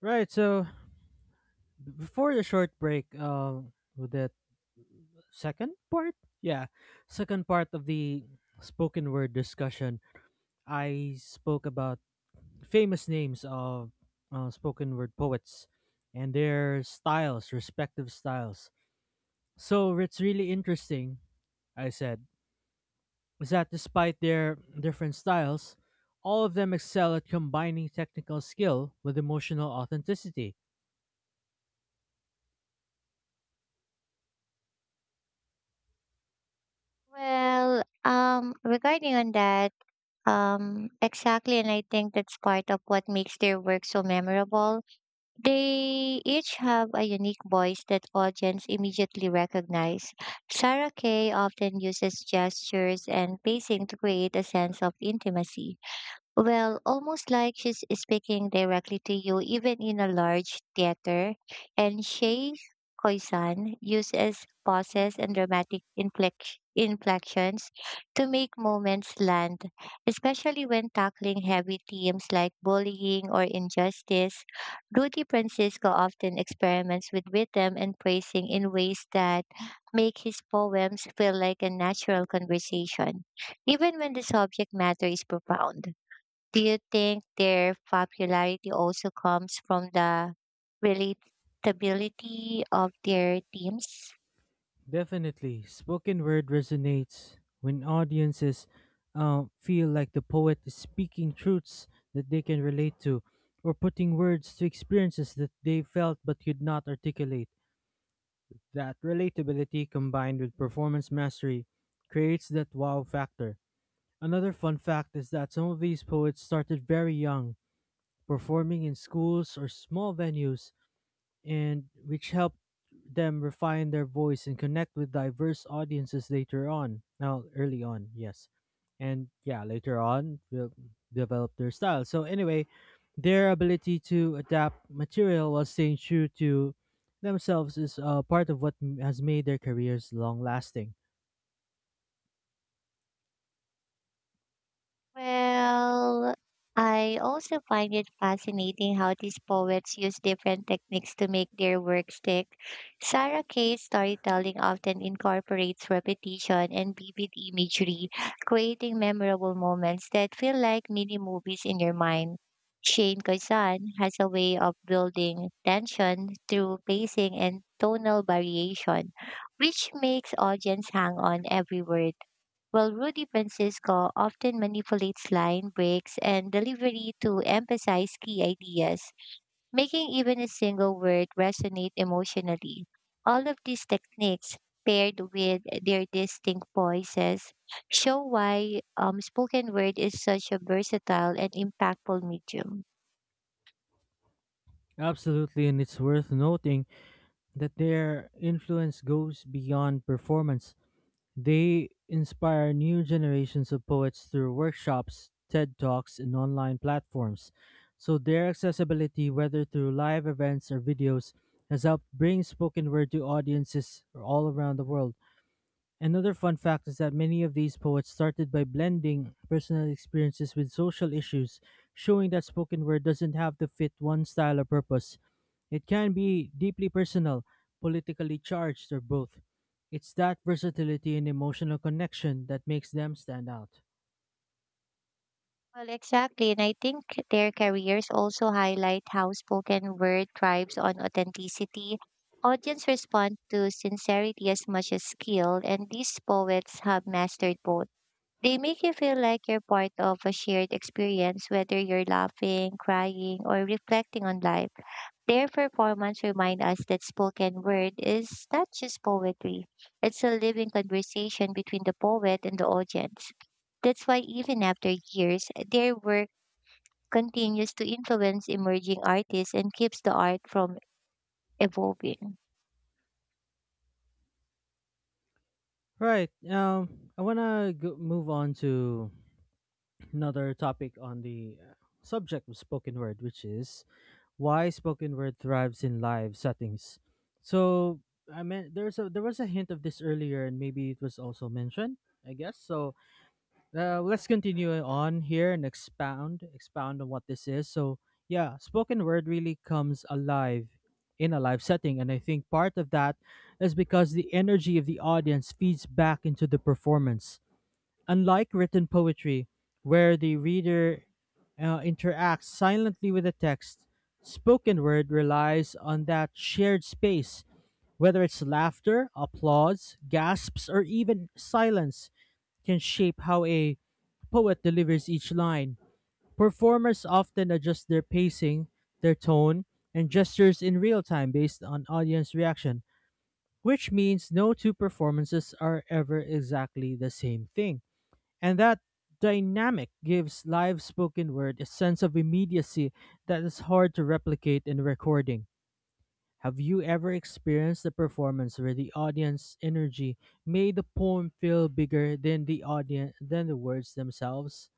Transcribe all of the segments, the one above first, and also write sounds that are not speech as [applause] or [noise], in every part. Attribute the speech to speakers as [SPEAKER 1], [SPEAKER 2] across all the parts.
[SPEAKER 1] Right. So before the short break, with that second part, yeah, second part of the spoken word discussion, I spoke about famous names of spoken word poets and their styles, respective styles. So it's really interesting. I said is that despite their different styles, all of them excel at combining technical skill with emotional authenticity.
[SPEAKER 2] Regarding on that, exactly, and I think that's part of what makes their work so memorable. They each have a unique voice that audience immediately recognize. Sarah Kay often uses gestures and pacing to create a sense of intimacy, well, almost like she's speaking directly to you, even in a large theater. And Shay Koizan uses pauses and dramatic inflections to make moments land, especially when tackling heavy themes like bullying or injustice. Rudy Francisco often experiments with rhythm and phrasing in ways that make his poems feel like a natural conversation, even when the subject matter is profound. Do you think their popularity also comes from the relatability of their teams?
[SPEAKER 1] Definitely, spoken word resonates when audiences feel like the poet is speaking truths that they can relate to, or putting words to experiences that they felt but could not articulate. That relatability combined with performance mastery creates that wow factor. Another fun fact is that some of these poets started very young, performing in schools or small venues and which helped them refine their voice and connect with diverse audiences later on. Now, early on, yes, and yeah, later on, they'll develop their style. So anyway, their ability to adapt material while staying true to themselves is part of what has made their careers long lasting.
[SPEAKER 2] Well, I also find it fascinating how these poets use different techniques to make their work stick. Sarah Kay's storytelling often incorporates repetition and vivid imagery, creating memorable moments that feel like mini movies in your mind. Shane Kazan has a way of building tension through pacing and tonal variation, which makes audience hang on every word while Rudy Francisco often manipulates line breaks and delivery to emphasize key ideas, making even a single word resonate emotionally. All of these techniques, paired with their distinct voices, show why spoken word is such a versatile and impactful medium.
[SPEAKER 1] Absolutely, and it's worth noting that their influence goes beyond performance. They inspire new generations of poets through workshops, TED Talks, and online platforms. So their accessibility, whether through live events or videos, has helped bring spoken word to audiences all around the world. Another fun fact is that many of these poets started by blending personal experiences with social issues, showing that spoken word doesn't have to fit one style or purpose. It can be deeply personal, politically charged, or both. It's that versatility and emotional connection that makes them stand out.
[SPEAKER 2] Well, exactly. And I think their careers also highlight how spoken word thrives on authenticity. Audience respond to sincerity as much as skill, and these poets have mastered both. They make you feel like you're part of a shared experience, whether you're laughing, crying, or reflecting on life. Their performance remind us that spoken word is not just poetry. It's a living conversation between the poet and the audience. That's why even after years, their work continues to influence emerging artists and keeps the art from evolving.
[SPEAKER 1] Right. I want to move on to another topic on the subject of spoken word, which is why spoken word thrives in live settings. So I mean, there was a hint of this earlier, and maybe it was also mentioned. I guess so. Let's continue on here and expound on what this is. So yeah, spoken word really comes alive in a live setting, and I think part of that is because the energy of the audience feeds back into the performance. Unlike written poetry, where the reader interacts silently with the text, spoken word relies on that shared space, whether it's laughter, applause, gasps, or even silence can shape how a poet delivers each line. Performers often adjust their pacing, their tone, and gestures in real time based on audience reaction, which means no two performances are ever exactly the same thing. And that dynamic gives live spoken word a sense of immediacy that is hard to replicate in recording. Have you ever experienced a performance where the audience energy made the poem feel bigger than the audience than the words themselves?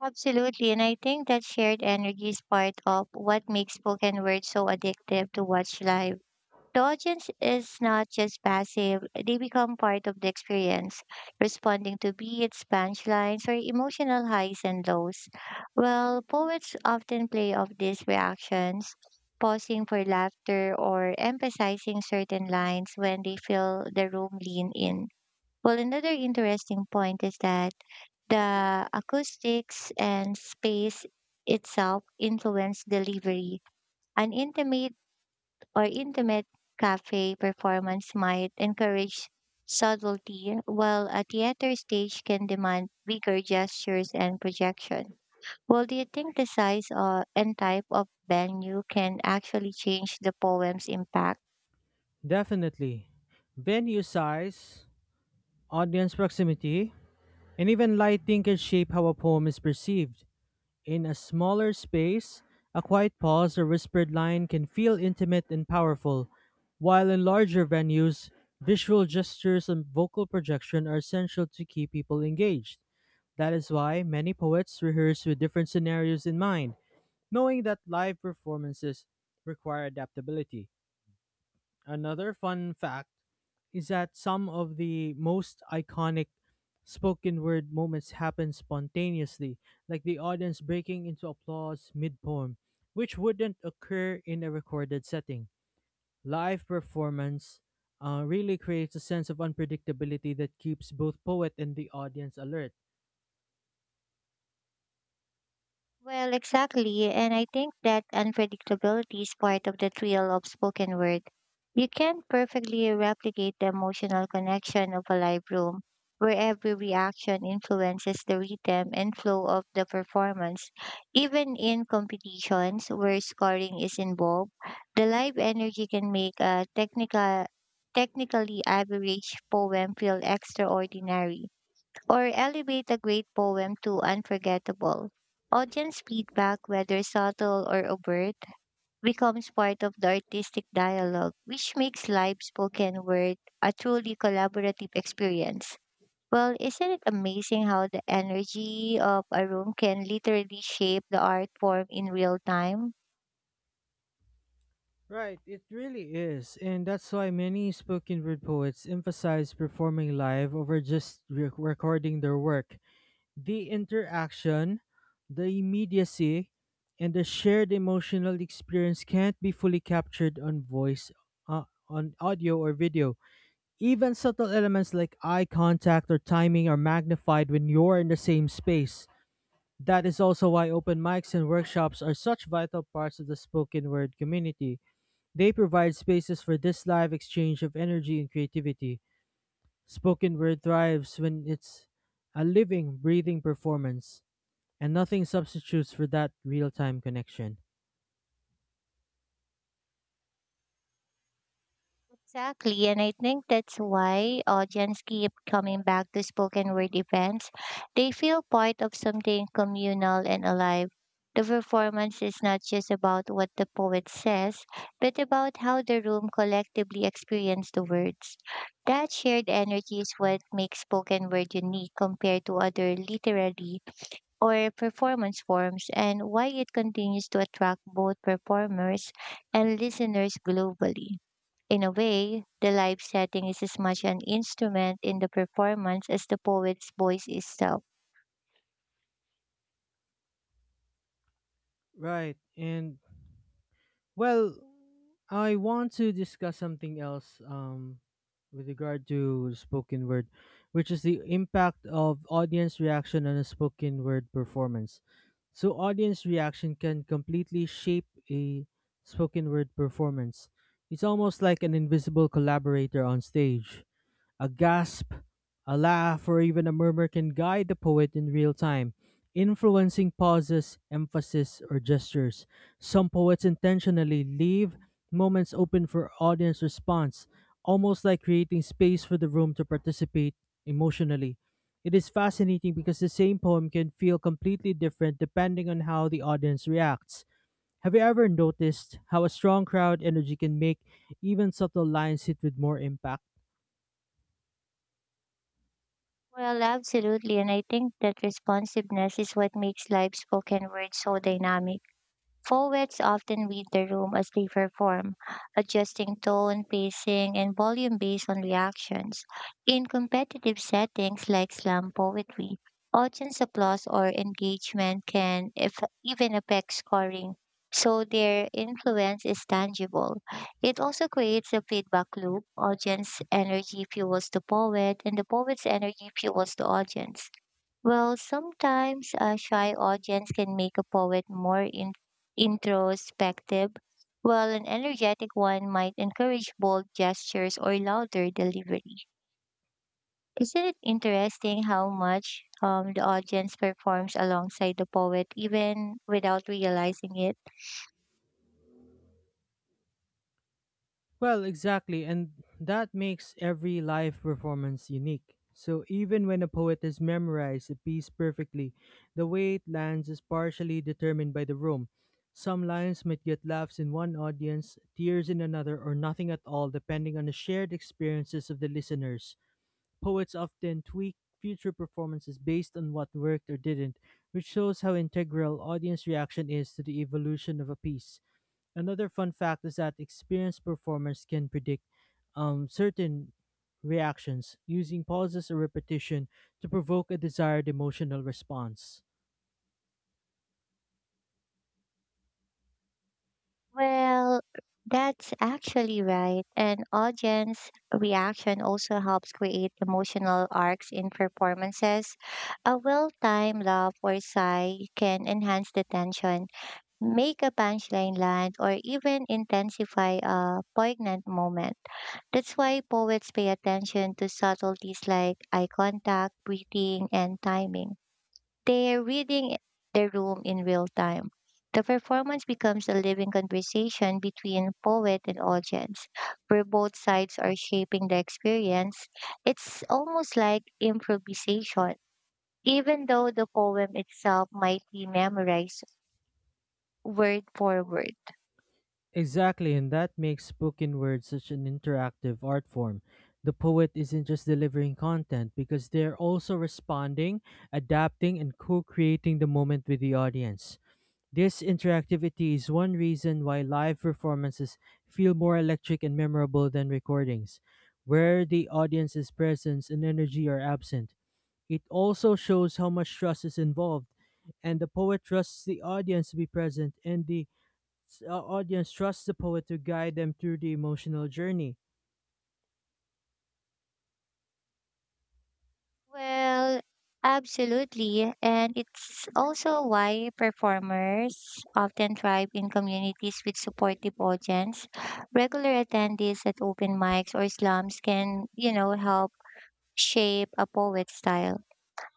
[SPEAKER 2] Absolutely, and I think that shared energy is part of what makes spoken word so addictive to watch live. The audience is not just passive, they become part of the experience, responding to beats, punchlines, or emotional highs and lows. Well, poets often play off these reactions, pausing for laughter or emphasizing certain lines when they feel the room lean in. Well, another interesting point is that the acoustics and space itself influence delivery. An intimate cafe performance might encourage subtlety, while a theater stage can demand bigger gestures and projection. Well, do you think the size and type of venue can actually change the poem's impact?
[SPEAKER 1] Definitely. Venue size, audience proximity, and even lighting can shape how a poem is perceived. In a smaller space, a quiet pause or whispered line can feel intimate and powerful, while in larger venues, visual gestures and vocal projection are essential to keep people engaged. That is why many poets rehearse with different scenarios in mind, knowing that live performances require adaptability. Another fun fact is that some of the most iconic spoken word moments happen spontaneously, like the audience breaking into applause mid poem, which wouldn't occur in a recorded setting. Live performance really creates a sense of unpredictability that keeps both poet and the audience alert.
[SPEAKER 2] Well, exactly. And I think that unpredictability is part of the thrill of spoken word. You can't perfectly replicate the emotional connection of a live room, where every reaction influences the rhythm and flow of the performance. Even in competitions where scoring is involved, the live energy can make a technically average poem feel extraordinary or elevate a great poem to unforgettable. Audience feedback, whether subtle or overt, becomes part of the artistic dialogue, which makes live spoken word a truly collaborative experience. Well, isn't it amazing how the energy of a room can literally shape the art form in real time?
[SPEAKER 1] Right, it really is. And that's why many spoken word poets emphasize performing live over just recording their work. The interaction, the immediacy, and the shared emotional experience can't be fully captured on voice, on audio or video. Even subtle elements like eye contact or timing are magnified when you're in the same space. That is also why open mics and workshops are such vital parts of the spoken word community. They provide spaces for this live exchange of energy and creativity. Spoken word thrives when it's a living, breathing performance. And nothing substitutes for that real time connection.
[SPEAKER 2] Exactly, and I think that's why audience keep coming back to spoken word events. They feel part of something communal and alive. The performance is not just about what the poet says, but about how the room collectively experience the words. That shared energy is what makes spoken word unique compared to other literary or performance forms and why it continues to attract both performers and listeners globally. In a way, the live setting is as much an instrument in the performance as the poet's voice itself.
[SPEAKER 1] Right. And well, I want to discuss something else with regard to spoken word, which is the impact of audience reaction on a spoken word performance. So, audience reaction can completely shape a spoken word performance. It's almost like an invisible collaborator on stage. A gasp, a laugh, or even a murmur can guide the poet in real time, influencing pauses, emphasis, or gestures. Some poets intentionally leave moments open for audience response, almost like creating space for the room to participate emotionally. It is fascinating because the same poem can feel completely different depending on how the audience reacts. Have you ever noticed how a strong crowd energy can make even subtle lines hit with more impact?
[SPEAKER 2] Well, absolutely. And I think that responsiveness is what makes live spoken words so dynamic. Poets often read the room as they perform, adjusting tone, pacing, and volume based on reactions. In competitive settings like slam poetry, audience applause or engagement can if, even affect scoring, so their influence is tangible. It also creates a feedback loop. Audience energy fuels the poet, and the poet's energy fuels the audience. Well, sometimes a shy audience can make a poet more introspective, while an energetic one might encourage bold gestures or louder delivery. Isn't it interesting how much the audience performs alongside the poet even without realizing it?
[SPEAKER 1] Well, exactly, and that makes every live performance unique. So even when a poet has memorized a piece perfectly, the way it lands is partially determined by the room. Some lines might get laughs in one audience, tears in another, or nothing at all, depending on the shared experiences of the listeners. Poets often tweak future performances based on what worked or didn't, which shows how integral audience reaction is to the evolution of a piece. Another fun fact is that experienced performers can predict certain reactions using pauses or repetition to provoke a desired emotional response.
[SPEAKER 2] Well, that's actually right. And audience reaction also helps create emotional arcs in performances. A well timed laugh or sigh can enhance the tension, make a punchline land, or even intensify a poignant moment. That's why poets pay attention to subtleties like eye contact, breathing, and timing. They're reading the room in real time. The performance becomes a living conversation between poet and audience, where both sides are shaping the experience. It's almost like improvisation, even though the poem itself might be memorized word for word.
[SPEAKER 1] Exactly, and that makes spoken words such an interactive art form. The poet isn't just delivering content because they're also responding, adapting, and co creating the moment with the audience. This interactivity is one reason why live performances feel more electric and memorable than recordings, where the audience's presence and energy are absent. It also shows how much trust is involved, and the poet trusts the audience to be present, and the audience trusts the poet to guide them through the emotional journey.
[SPEAKER 2] Well, absolutely. And it's also why performers often thrive in communities with supportive audience. Regular attendees at open mics or slums can, you know, help shape a poet's style.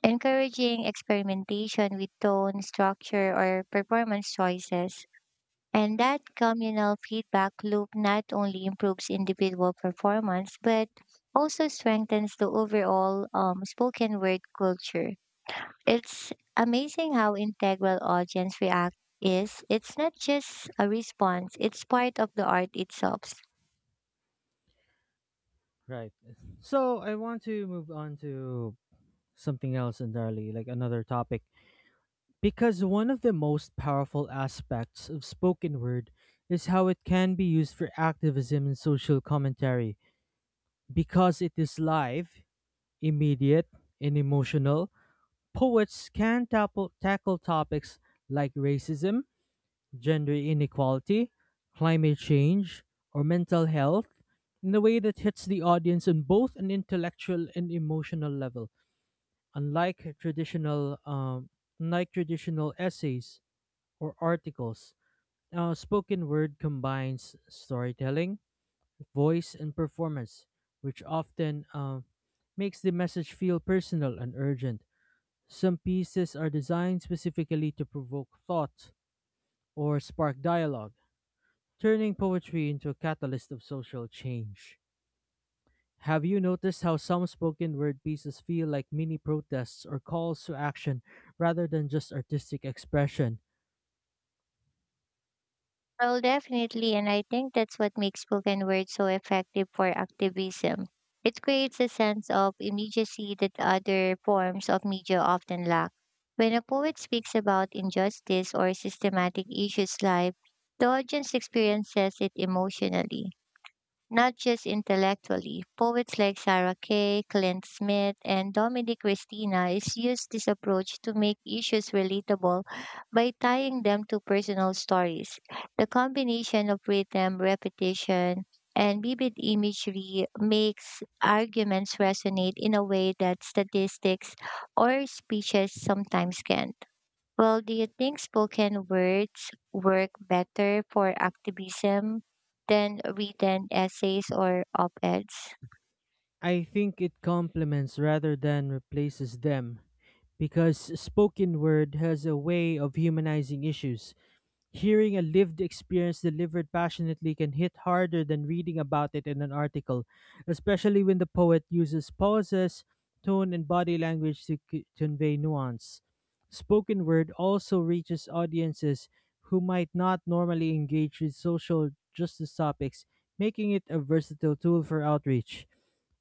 [SPEAKER 2] Encouraging experimentation with tone, structure, or performance choices and that communal feedback loop not only improves individual performance, but also strengthens the overall spoken word culture. It's amazing how integral audience react is. It's not just a response, it's part of the art itself.
[SPEAKER 1] Right. So I want to move on to something else entirely, like another topic. Because one of the most powerful aspects of spoken word is how it can be used for activism and social commentary. Because it is live, immediate, and emotional, poets can tackle topics like racism, gender inequality, climate change, or mental health in a way that hits the audience on both an intellectual and emotional level. Unlike traditional, um, Unlike traditional essays, or articles. Now, spoken word combines storytelling, voice, and performance, which often makes the message feel personal and urgent. Some pieces are designed specifically to provoke thought or spark dialogue, turning poetry into a catalyst of social change. Have you noticed how some spoken word pieces feel like mini protests or calls to action rather than just artistic expression?
[SPEAKER 2] Well, definitely. And I think that's what makes spoken word so effective for activism. It creates a sense of immediacy that other forms of media often lack. When a poet speaks about injustice or systematic issues live, the audience experiences it emotionally. Not just intellectually, poets like Sarah Kay, Clint Smith, and Dominic Christina is used this approach to make issues relatable by tying them to personal stories. The combination of rhythm, repetition, and vivid imagery makes arguments resonate in a way that statistics or speeches sometimes can. Well, do you think spoken words work better for activism than written essays or op-eds?
[SPEAKER 1] I think it complements rather than replaces them because spoken word has a way of humanizing issues. Hearing a lived experience delivered passionately can hit harder than reading about it in an article, especially when the poet uses pauses, tone, and body language to convey nuance. Spoken word also reaches audiences who might not normally engage with social justice topics, making it a versatile tool for outreach.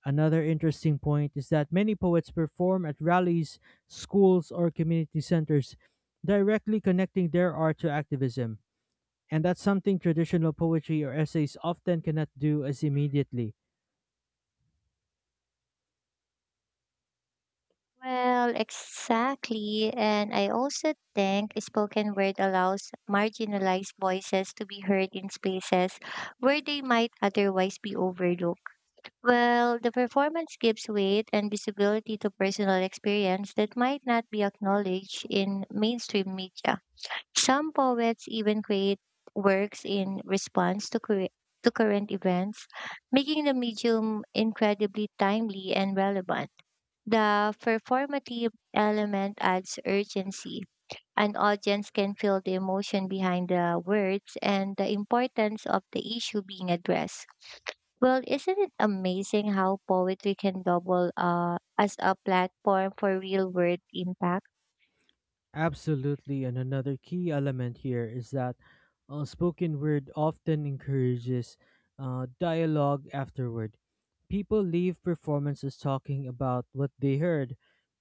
[SPEAKER 1] Another interesting point is that many poets perform at rallies, schools, or community centers, directly connecting their art to activism. And that's something traditional poetry or essays often cannot do as immediately.
[SPEAKER 2] Well, exactly. And I also think spoken word allows marginalized voices to be heard in spaces where they might otherwise be overlooked. Well, the performance gives weight and visibility to personal experience that might not be acknowledged in mainstream media. Some poets even create works in response to current events, making the medium incredibly timely and relevant. The performative element adds urgency. An audience can feel the emotion behind the words and the importance of the issue being addressed. Well, isn't it amazing how poetry can double as a platform for real world impact?
[SPEAKER 1] Absolutely, and another key element here is that spoken word often encourages dialogue afterward. People leave performances talking about what they heard,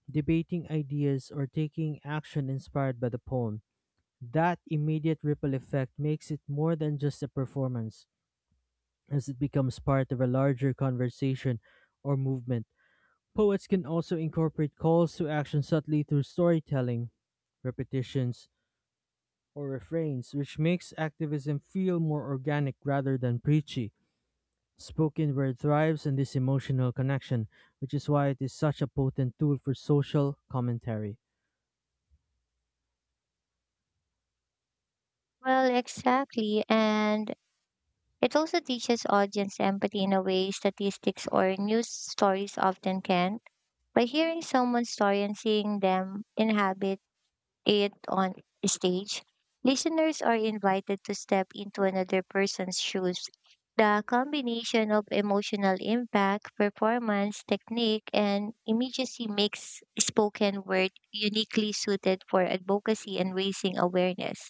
[SPEAKER 1] debating ideas, or taking action inspired by the poem. That immediate ripple effect makes it more than just a performance, as it becomes part of a larger conversation or movement. Poets can also incorporate calls to action subtly through storytelling, repetitions, or refrains, which makes activism feel more organic rather than preachy. Spoken word thrives in this emotional connection, which is why it is such a potent tool for social commentary.
[SPEAKER 2] Well, exactly. And it also teaches audience empathy in a way statistics or news stories often can't. By hearing someone's story and seeing them inhabit it on stage, listeners are invited to step into another person's shoes. The combination of emotional impact, performance, technique, and immediacy makes spoken word uniquely suited for advocacy and raising awareness.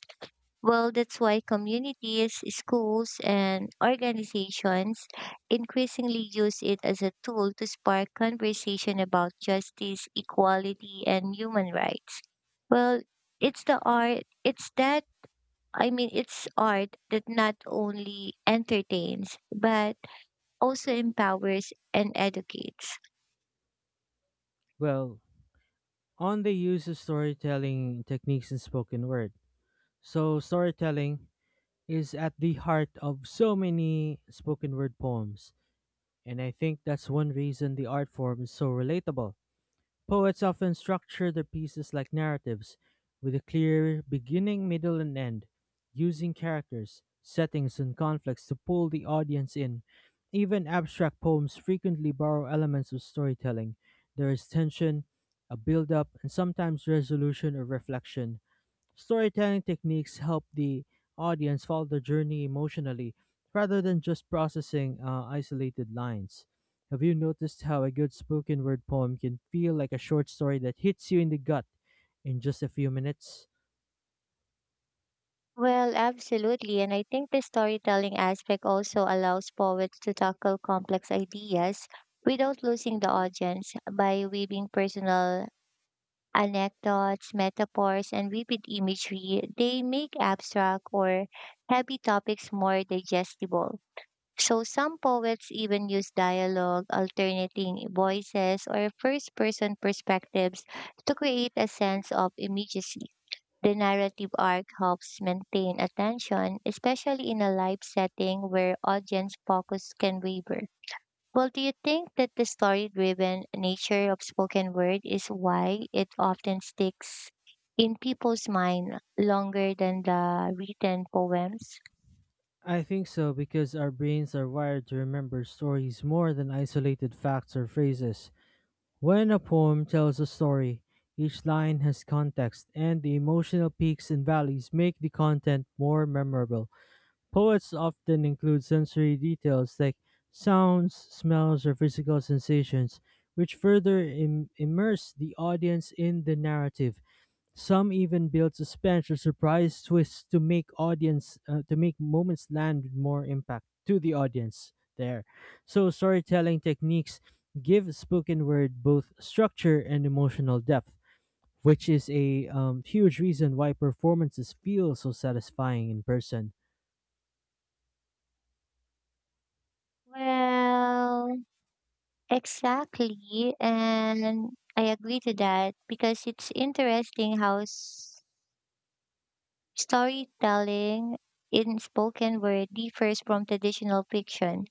[SPEAKER 2] Well, that's why communities, schools, and organizations increasingly use it as a tool to spark conversation about justice, equality, and human rights. Well, it's the art, it's that, I mean, it's art that not only entertains, but also empowers and educates.
[SPEAKER 1] Well, on the use of storytelling techniques in spoken word, so, storytelling is at the heart of so many spoken word poems, and I think that's one reason the art form is so relatable. Poets often structure their pieces like narratives, with a clear beginning, middle, and end, using characters, settings, and conflicts to pull the audience in. Even abstract poems frequently borrow elements of storytelling. There is tension, a build up, and sometimes resolution or reflection. Storytelling techniques help the audience follow the journey emotionally rather than just processing isolated lines. Have you noticed how a good spoken word poem can feel like a short story that hits you in the gut in just a few minutes?
[SPEAKER 2] Well, absolutely. And I think the storytelling aspect also allows poets to tackle complex ideas without losing the audience by weaving personal anecdotes, metaphors, and vivid imagery. They make abstract or heavy topics more digestible. So some poets even use dialogue, alternating voices, or first person perspectives to create a sense of immediacy. The narrative arc helps maintain attention, especially in a live setting where audience focus can waver. Well, do you think that the story driven nature of spoken word is why it often sticks in people's mind longer than the written poems?
[SPEAKER 1] I think so because our brains are wired to remember stories more than isolated facts or phrases. When a poem tells a story, each line has context, and the emotional peaks and valleys make the content more memorable. Poets often include sensory details like sounds, smells, or physical sensations, which further immerse the audience in the narrative. Some even build suspense or surprise twists to make audience to make moments land with more impact to the audience there. So storytelling techniques give spoken word both structure and emotional depth, which is a huge reason why performances feel so satisfying in person.
[SPEAKER 2] Well, exactly. And I agree to that because it's interesting how storytelling in spoken word differs from traditional fiction.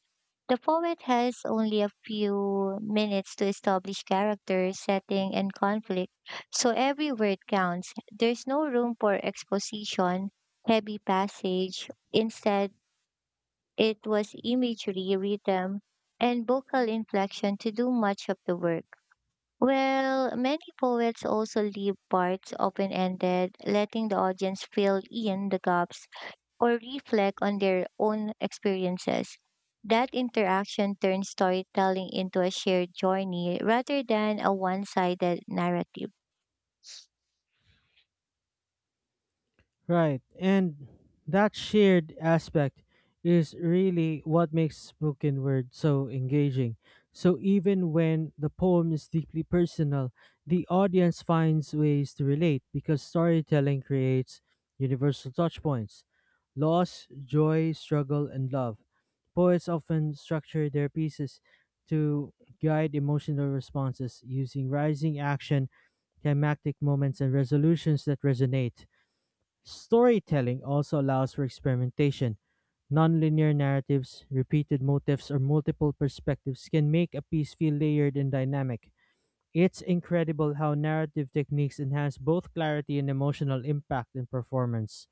[SPEAKER 2] The poet has only a few minutes to establish character, setting, and conflict, so every word counts. There's no room for exposition, heavy passage. Instead, it was imagery, rhythm, and vocal inflection to do much of the work. Well, many poets also leave parts open ended, letting the audience fill in the gaps or reflect on their own experiences. That interaction turns storytelling into a shared journey rather than a one sided narrative.
[SPEAKER 1] Right. And that shared aspect is really what makes spoken word so engaging. So even when the poem is deeply personal, the audience finds ways to relate because storytelling creates universal touch points. Loss, joy, struggle, and love. Poets often structure their pieces to guide emotional responses using rising action, climactic moments, and resolutions that resonate. Storytelling also allows for experimentation. Nonlinear narratives, repeated motifs, or multiple perspectives can make a piece feel layered and dynamic. It's incredible how narrative techniques enhance both clarity and emotional impact in performance.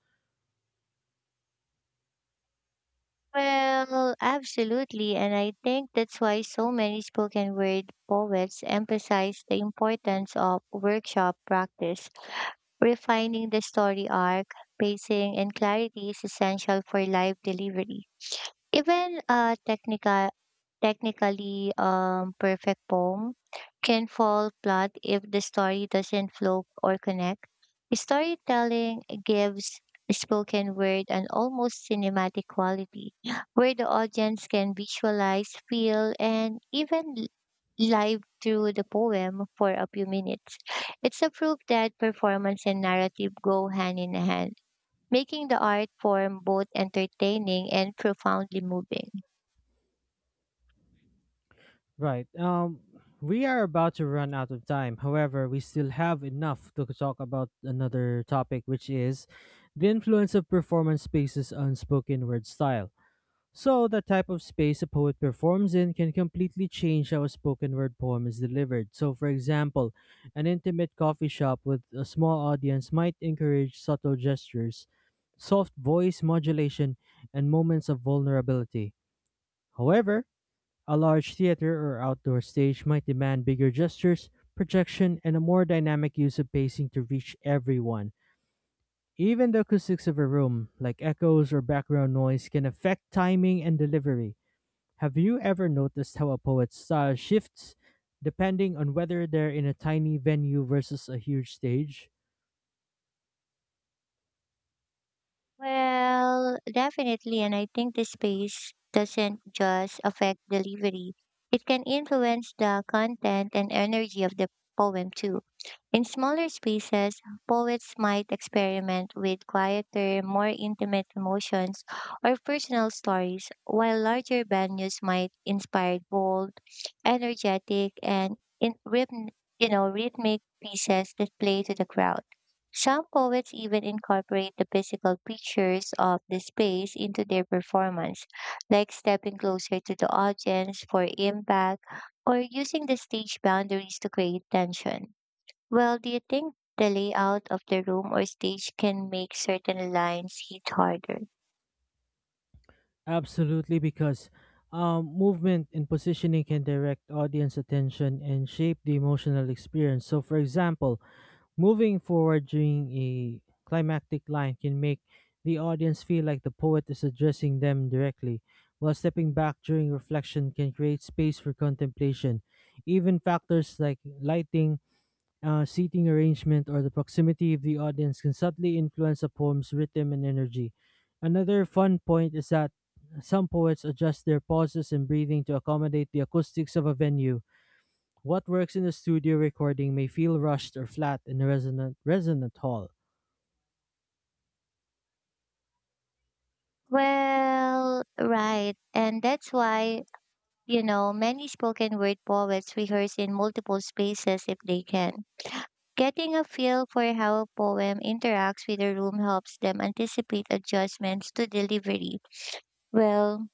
[SPEAKER 2] Well, absolutely. And I think that's why so many spoken word poets emphasize the importance of workshop practice. Refining the story arc, pacing, and clarity is essential for live delivery. Even a technically perfect poem can fall flat if the story doesn't flow or connect. Storytelling gives spoken word an almost cinematic quality where the audience can visualize, feel, and even live through the poem for a few minutes. It's a proof that performance and narrative go hand in hand making the art form both entertaining and profoundly moving.
[SPEAKER 1] Right. We are about to run out of time. However, we still have enough to talk about another topic, which is the influence of performance spaces on spoken word style. So, the type of space a poet performs in can completely change how a spoken word poem is delivered. So, for example, an intimate coffee shop with a small audience might encourage subtle gestures, soft voice modulation, and moments of vulnerability. However, a large theater or outdoor stage might demand bigger gestures, projection, and a more dynamic use of pacing to reach everyone. Even the acoustics of a room, like echoes or background noise, can affect timing and delivery. Have you ever noticed how a poet's style shifts depending on whether they're in a tiny venue versus a huge stage?
[SPEAKER 2] Well, definitely. And I think the space doesn't just affect delivery, it can influence the content and energy of the poem too. In smaller spaces, poets might experiment with quieter, more intimate emotions or personal stories, while larger venues might inspire bold, energetic, and in rhythm, you know, rhythmic pieces that play to the crowd. Some poets even incorporate the physical features of the space into their performance, like stepping closer to the audience for impact or using the stage boundaries to create tension. Well, do you think the layout of the room or stage can make certain lines hit harder?
[SPEAKER 1] Absolutely, because movement and positioning can direct audience attention and shape the emotional experience. So, for example, moving forward during a climactic line can make the audience feel like the poet is addressing them directly, while stepping back during reflection can create space for contemplation. Even factors like lighting, seating arrangement, or the proximity of the audience can subtly influence a poem's rhythm and energy. Another fun point is that some poets adjust their pauses and breathing to accommodate the acoustics of a venue. What works in a studio recording may feel rushed or flat in a resonant hall.
[SPEAKER 2] Well, right. And that's why, you know, many spoken word poets rehearse in multiple spaces if they can. Getting a feel for how a poem interacts with the room helps them anticipate adjustments to delivery. Well,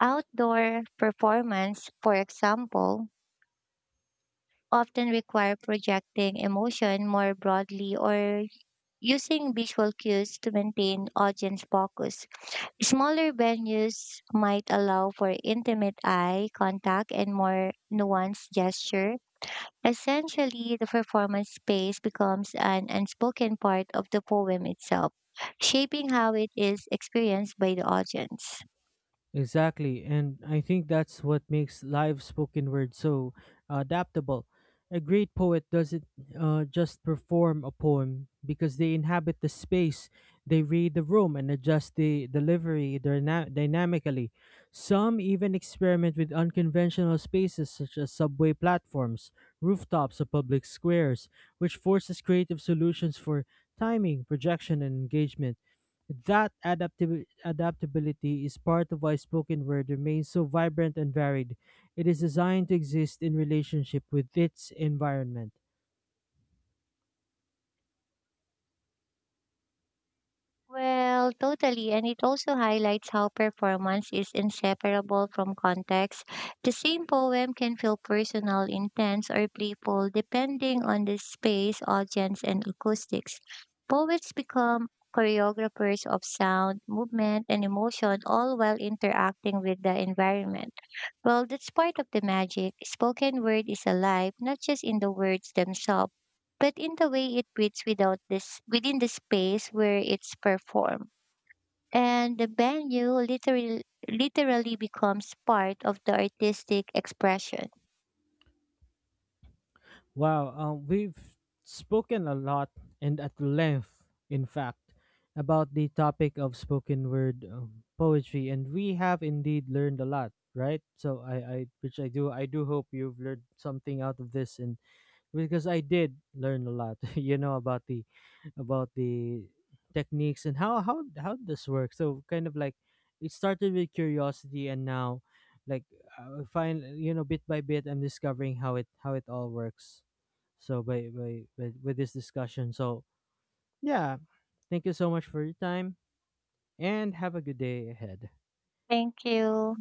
[SPEAKER 2] outdoor performance, for example, often require projecting emotion more broadly or using visual cues to maintain audience focus. Smaller venues might allow for intimate eye contact and more nuanced gesture. Essentially, the performance space becomes an unspoken part of the poem itself, shaping how it is experienced by the audience.
[SPEAKER 1] Exactly, and I think that's what makes live spoken word so adaptable. A great poet doesn't just perform a poem because they inhabit the space, they read the room and adjust the delivery dynamically. Some even experiment with unconventional spaces such as subway platforms, rooftops, or public squares, which forces creative solutions for timing, projection, and engagement. That adaptability is part of why spoken word remains so vibrant and varied. It is designed to exist in relationship with its environment.
[SPEAKER 2] Well, totally. And it also highlights how performance is inseparable from context. The same poem can feel personal, intense, or playful depending on the space, audience, and acoustics. Poets become choreographers of sound, movement, and emotion, all while interacting with the environment. Well, that's part of the magic. Spoken word is alive, not just in the words themselves but in the way it fits without this within the space where it's performed. And the venue literally becomes part of the artistic expression.
[SPEAKER 1] Wow, we've spoken a lot and at length, in fact, about the topic of spoken word poetry, and we have indeed learned a lot, right? So which I do hope you've learned something out of this, and because I did learn a lot, [laughs] about the techniques and how how this works. So kind of like it started with curiosity, and now, like, I find, bit by bit, I'm discovering how it all works. So by with this discussion. So yeah, thank you so much for your time, and have a good day ahead.
[SPEAKER 2] Thank you.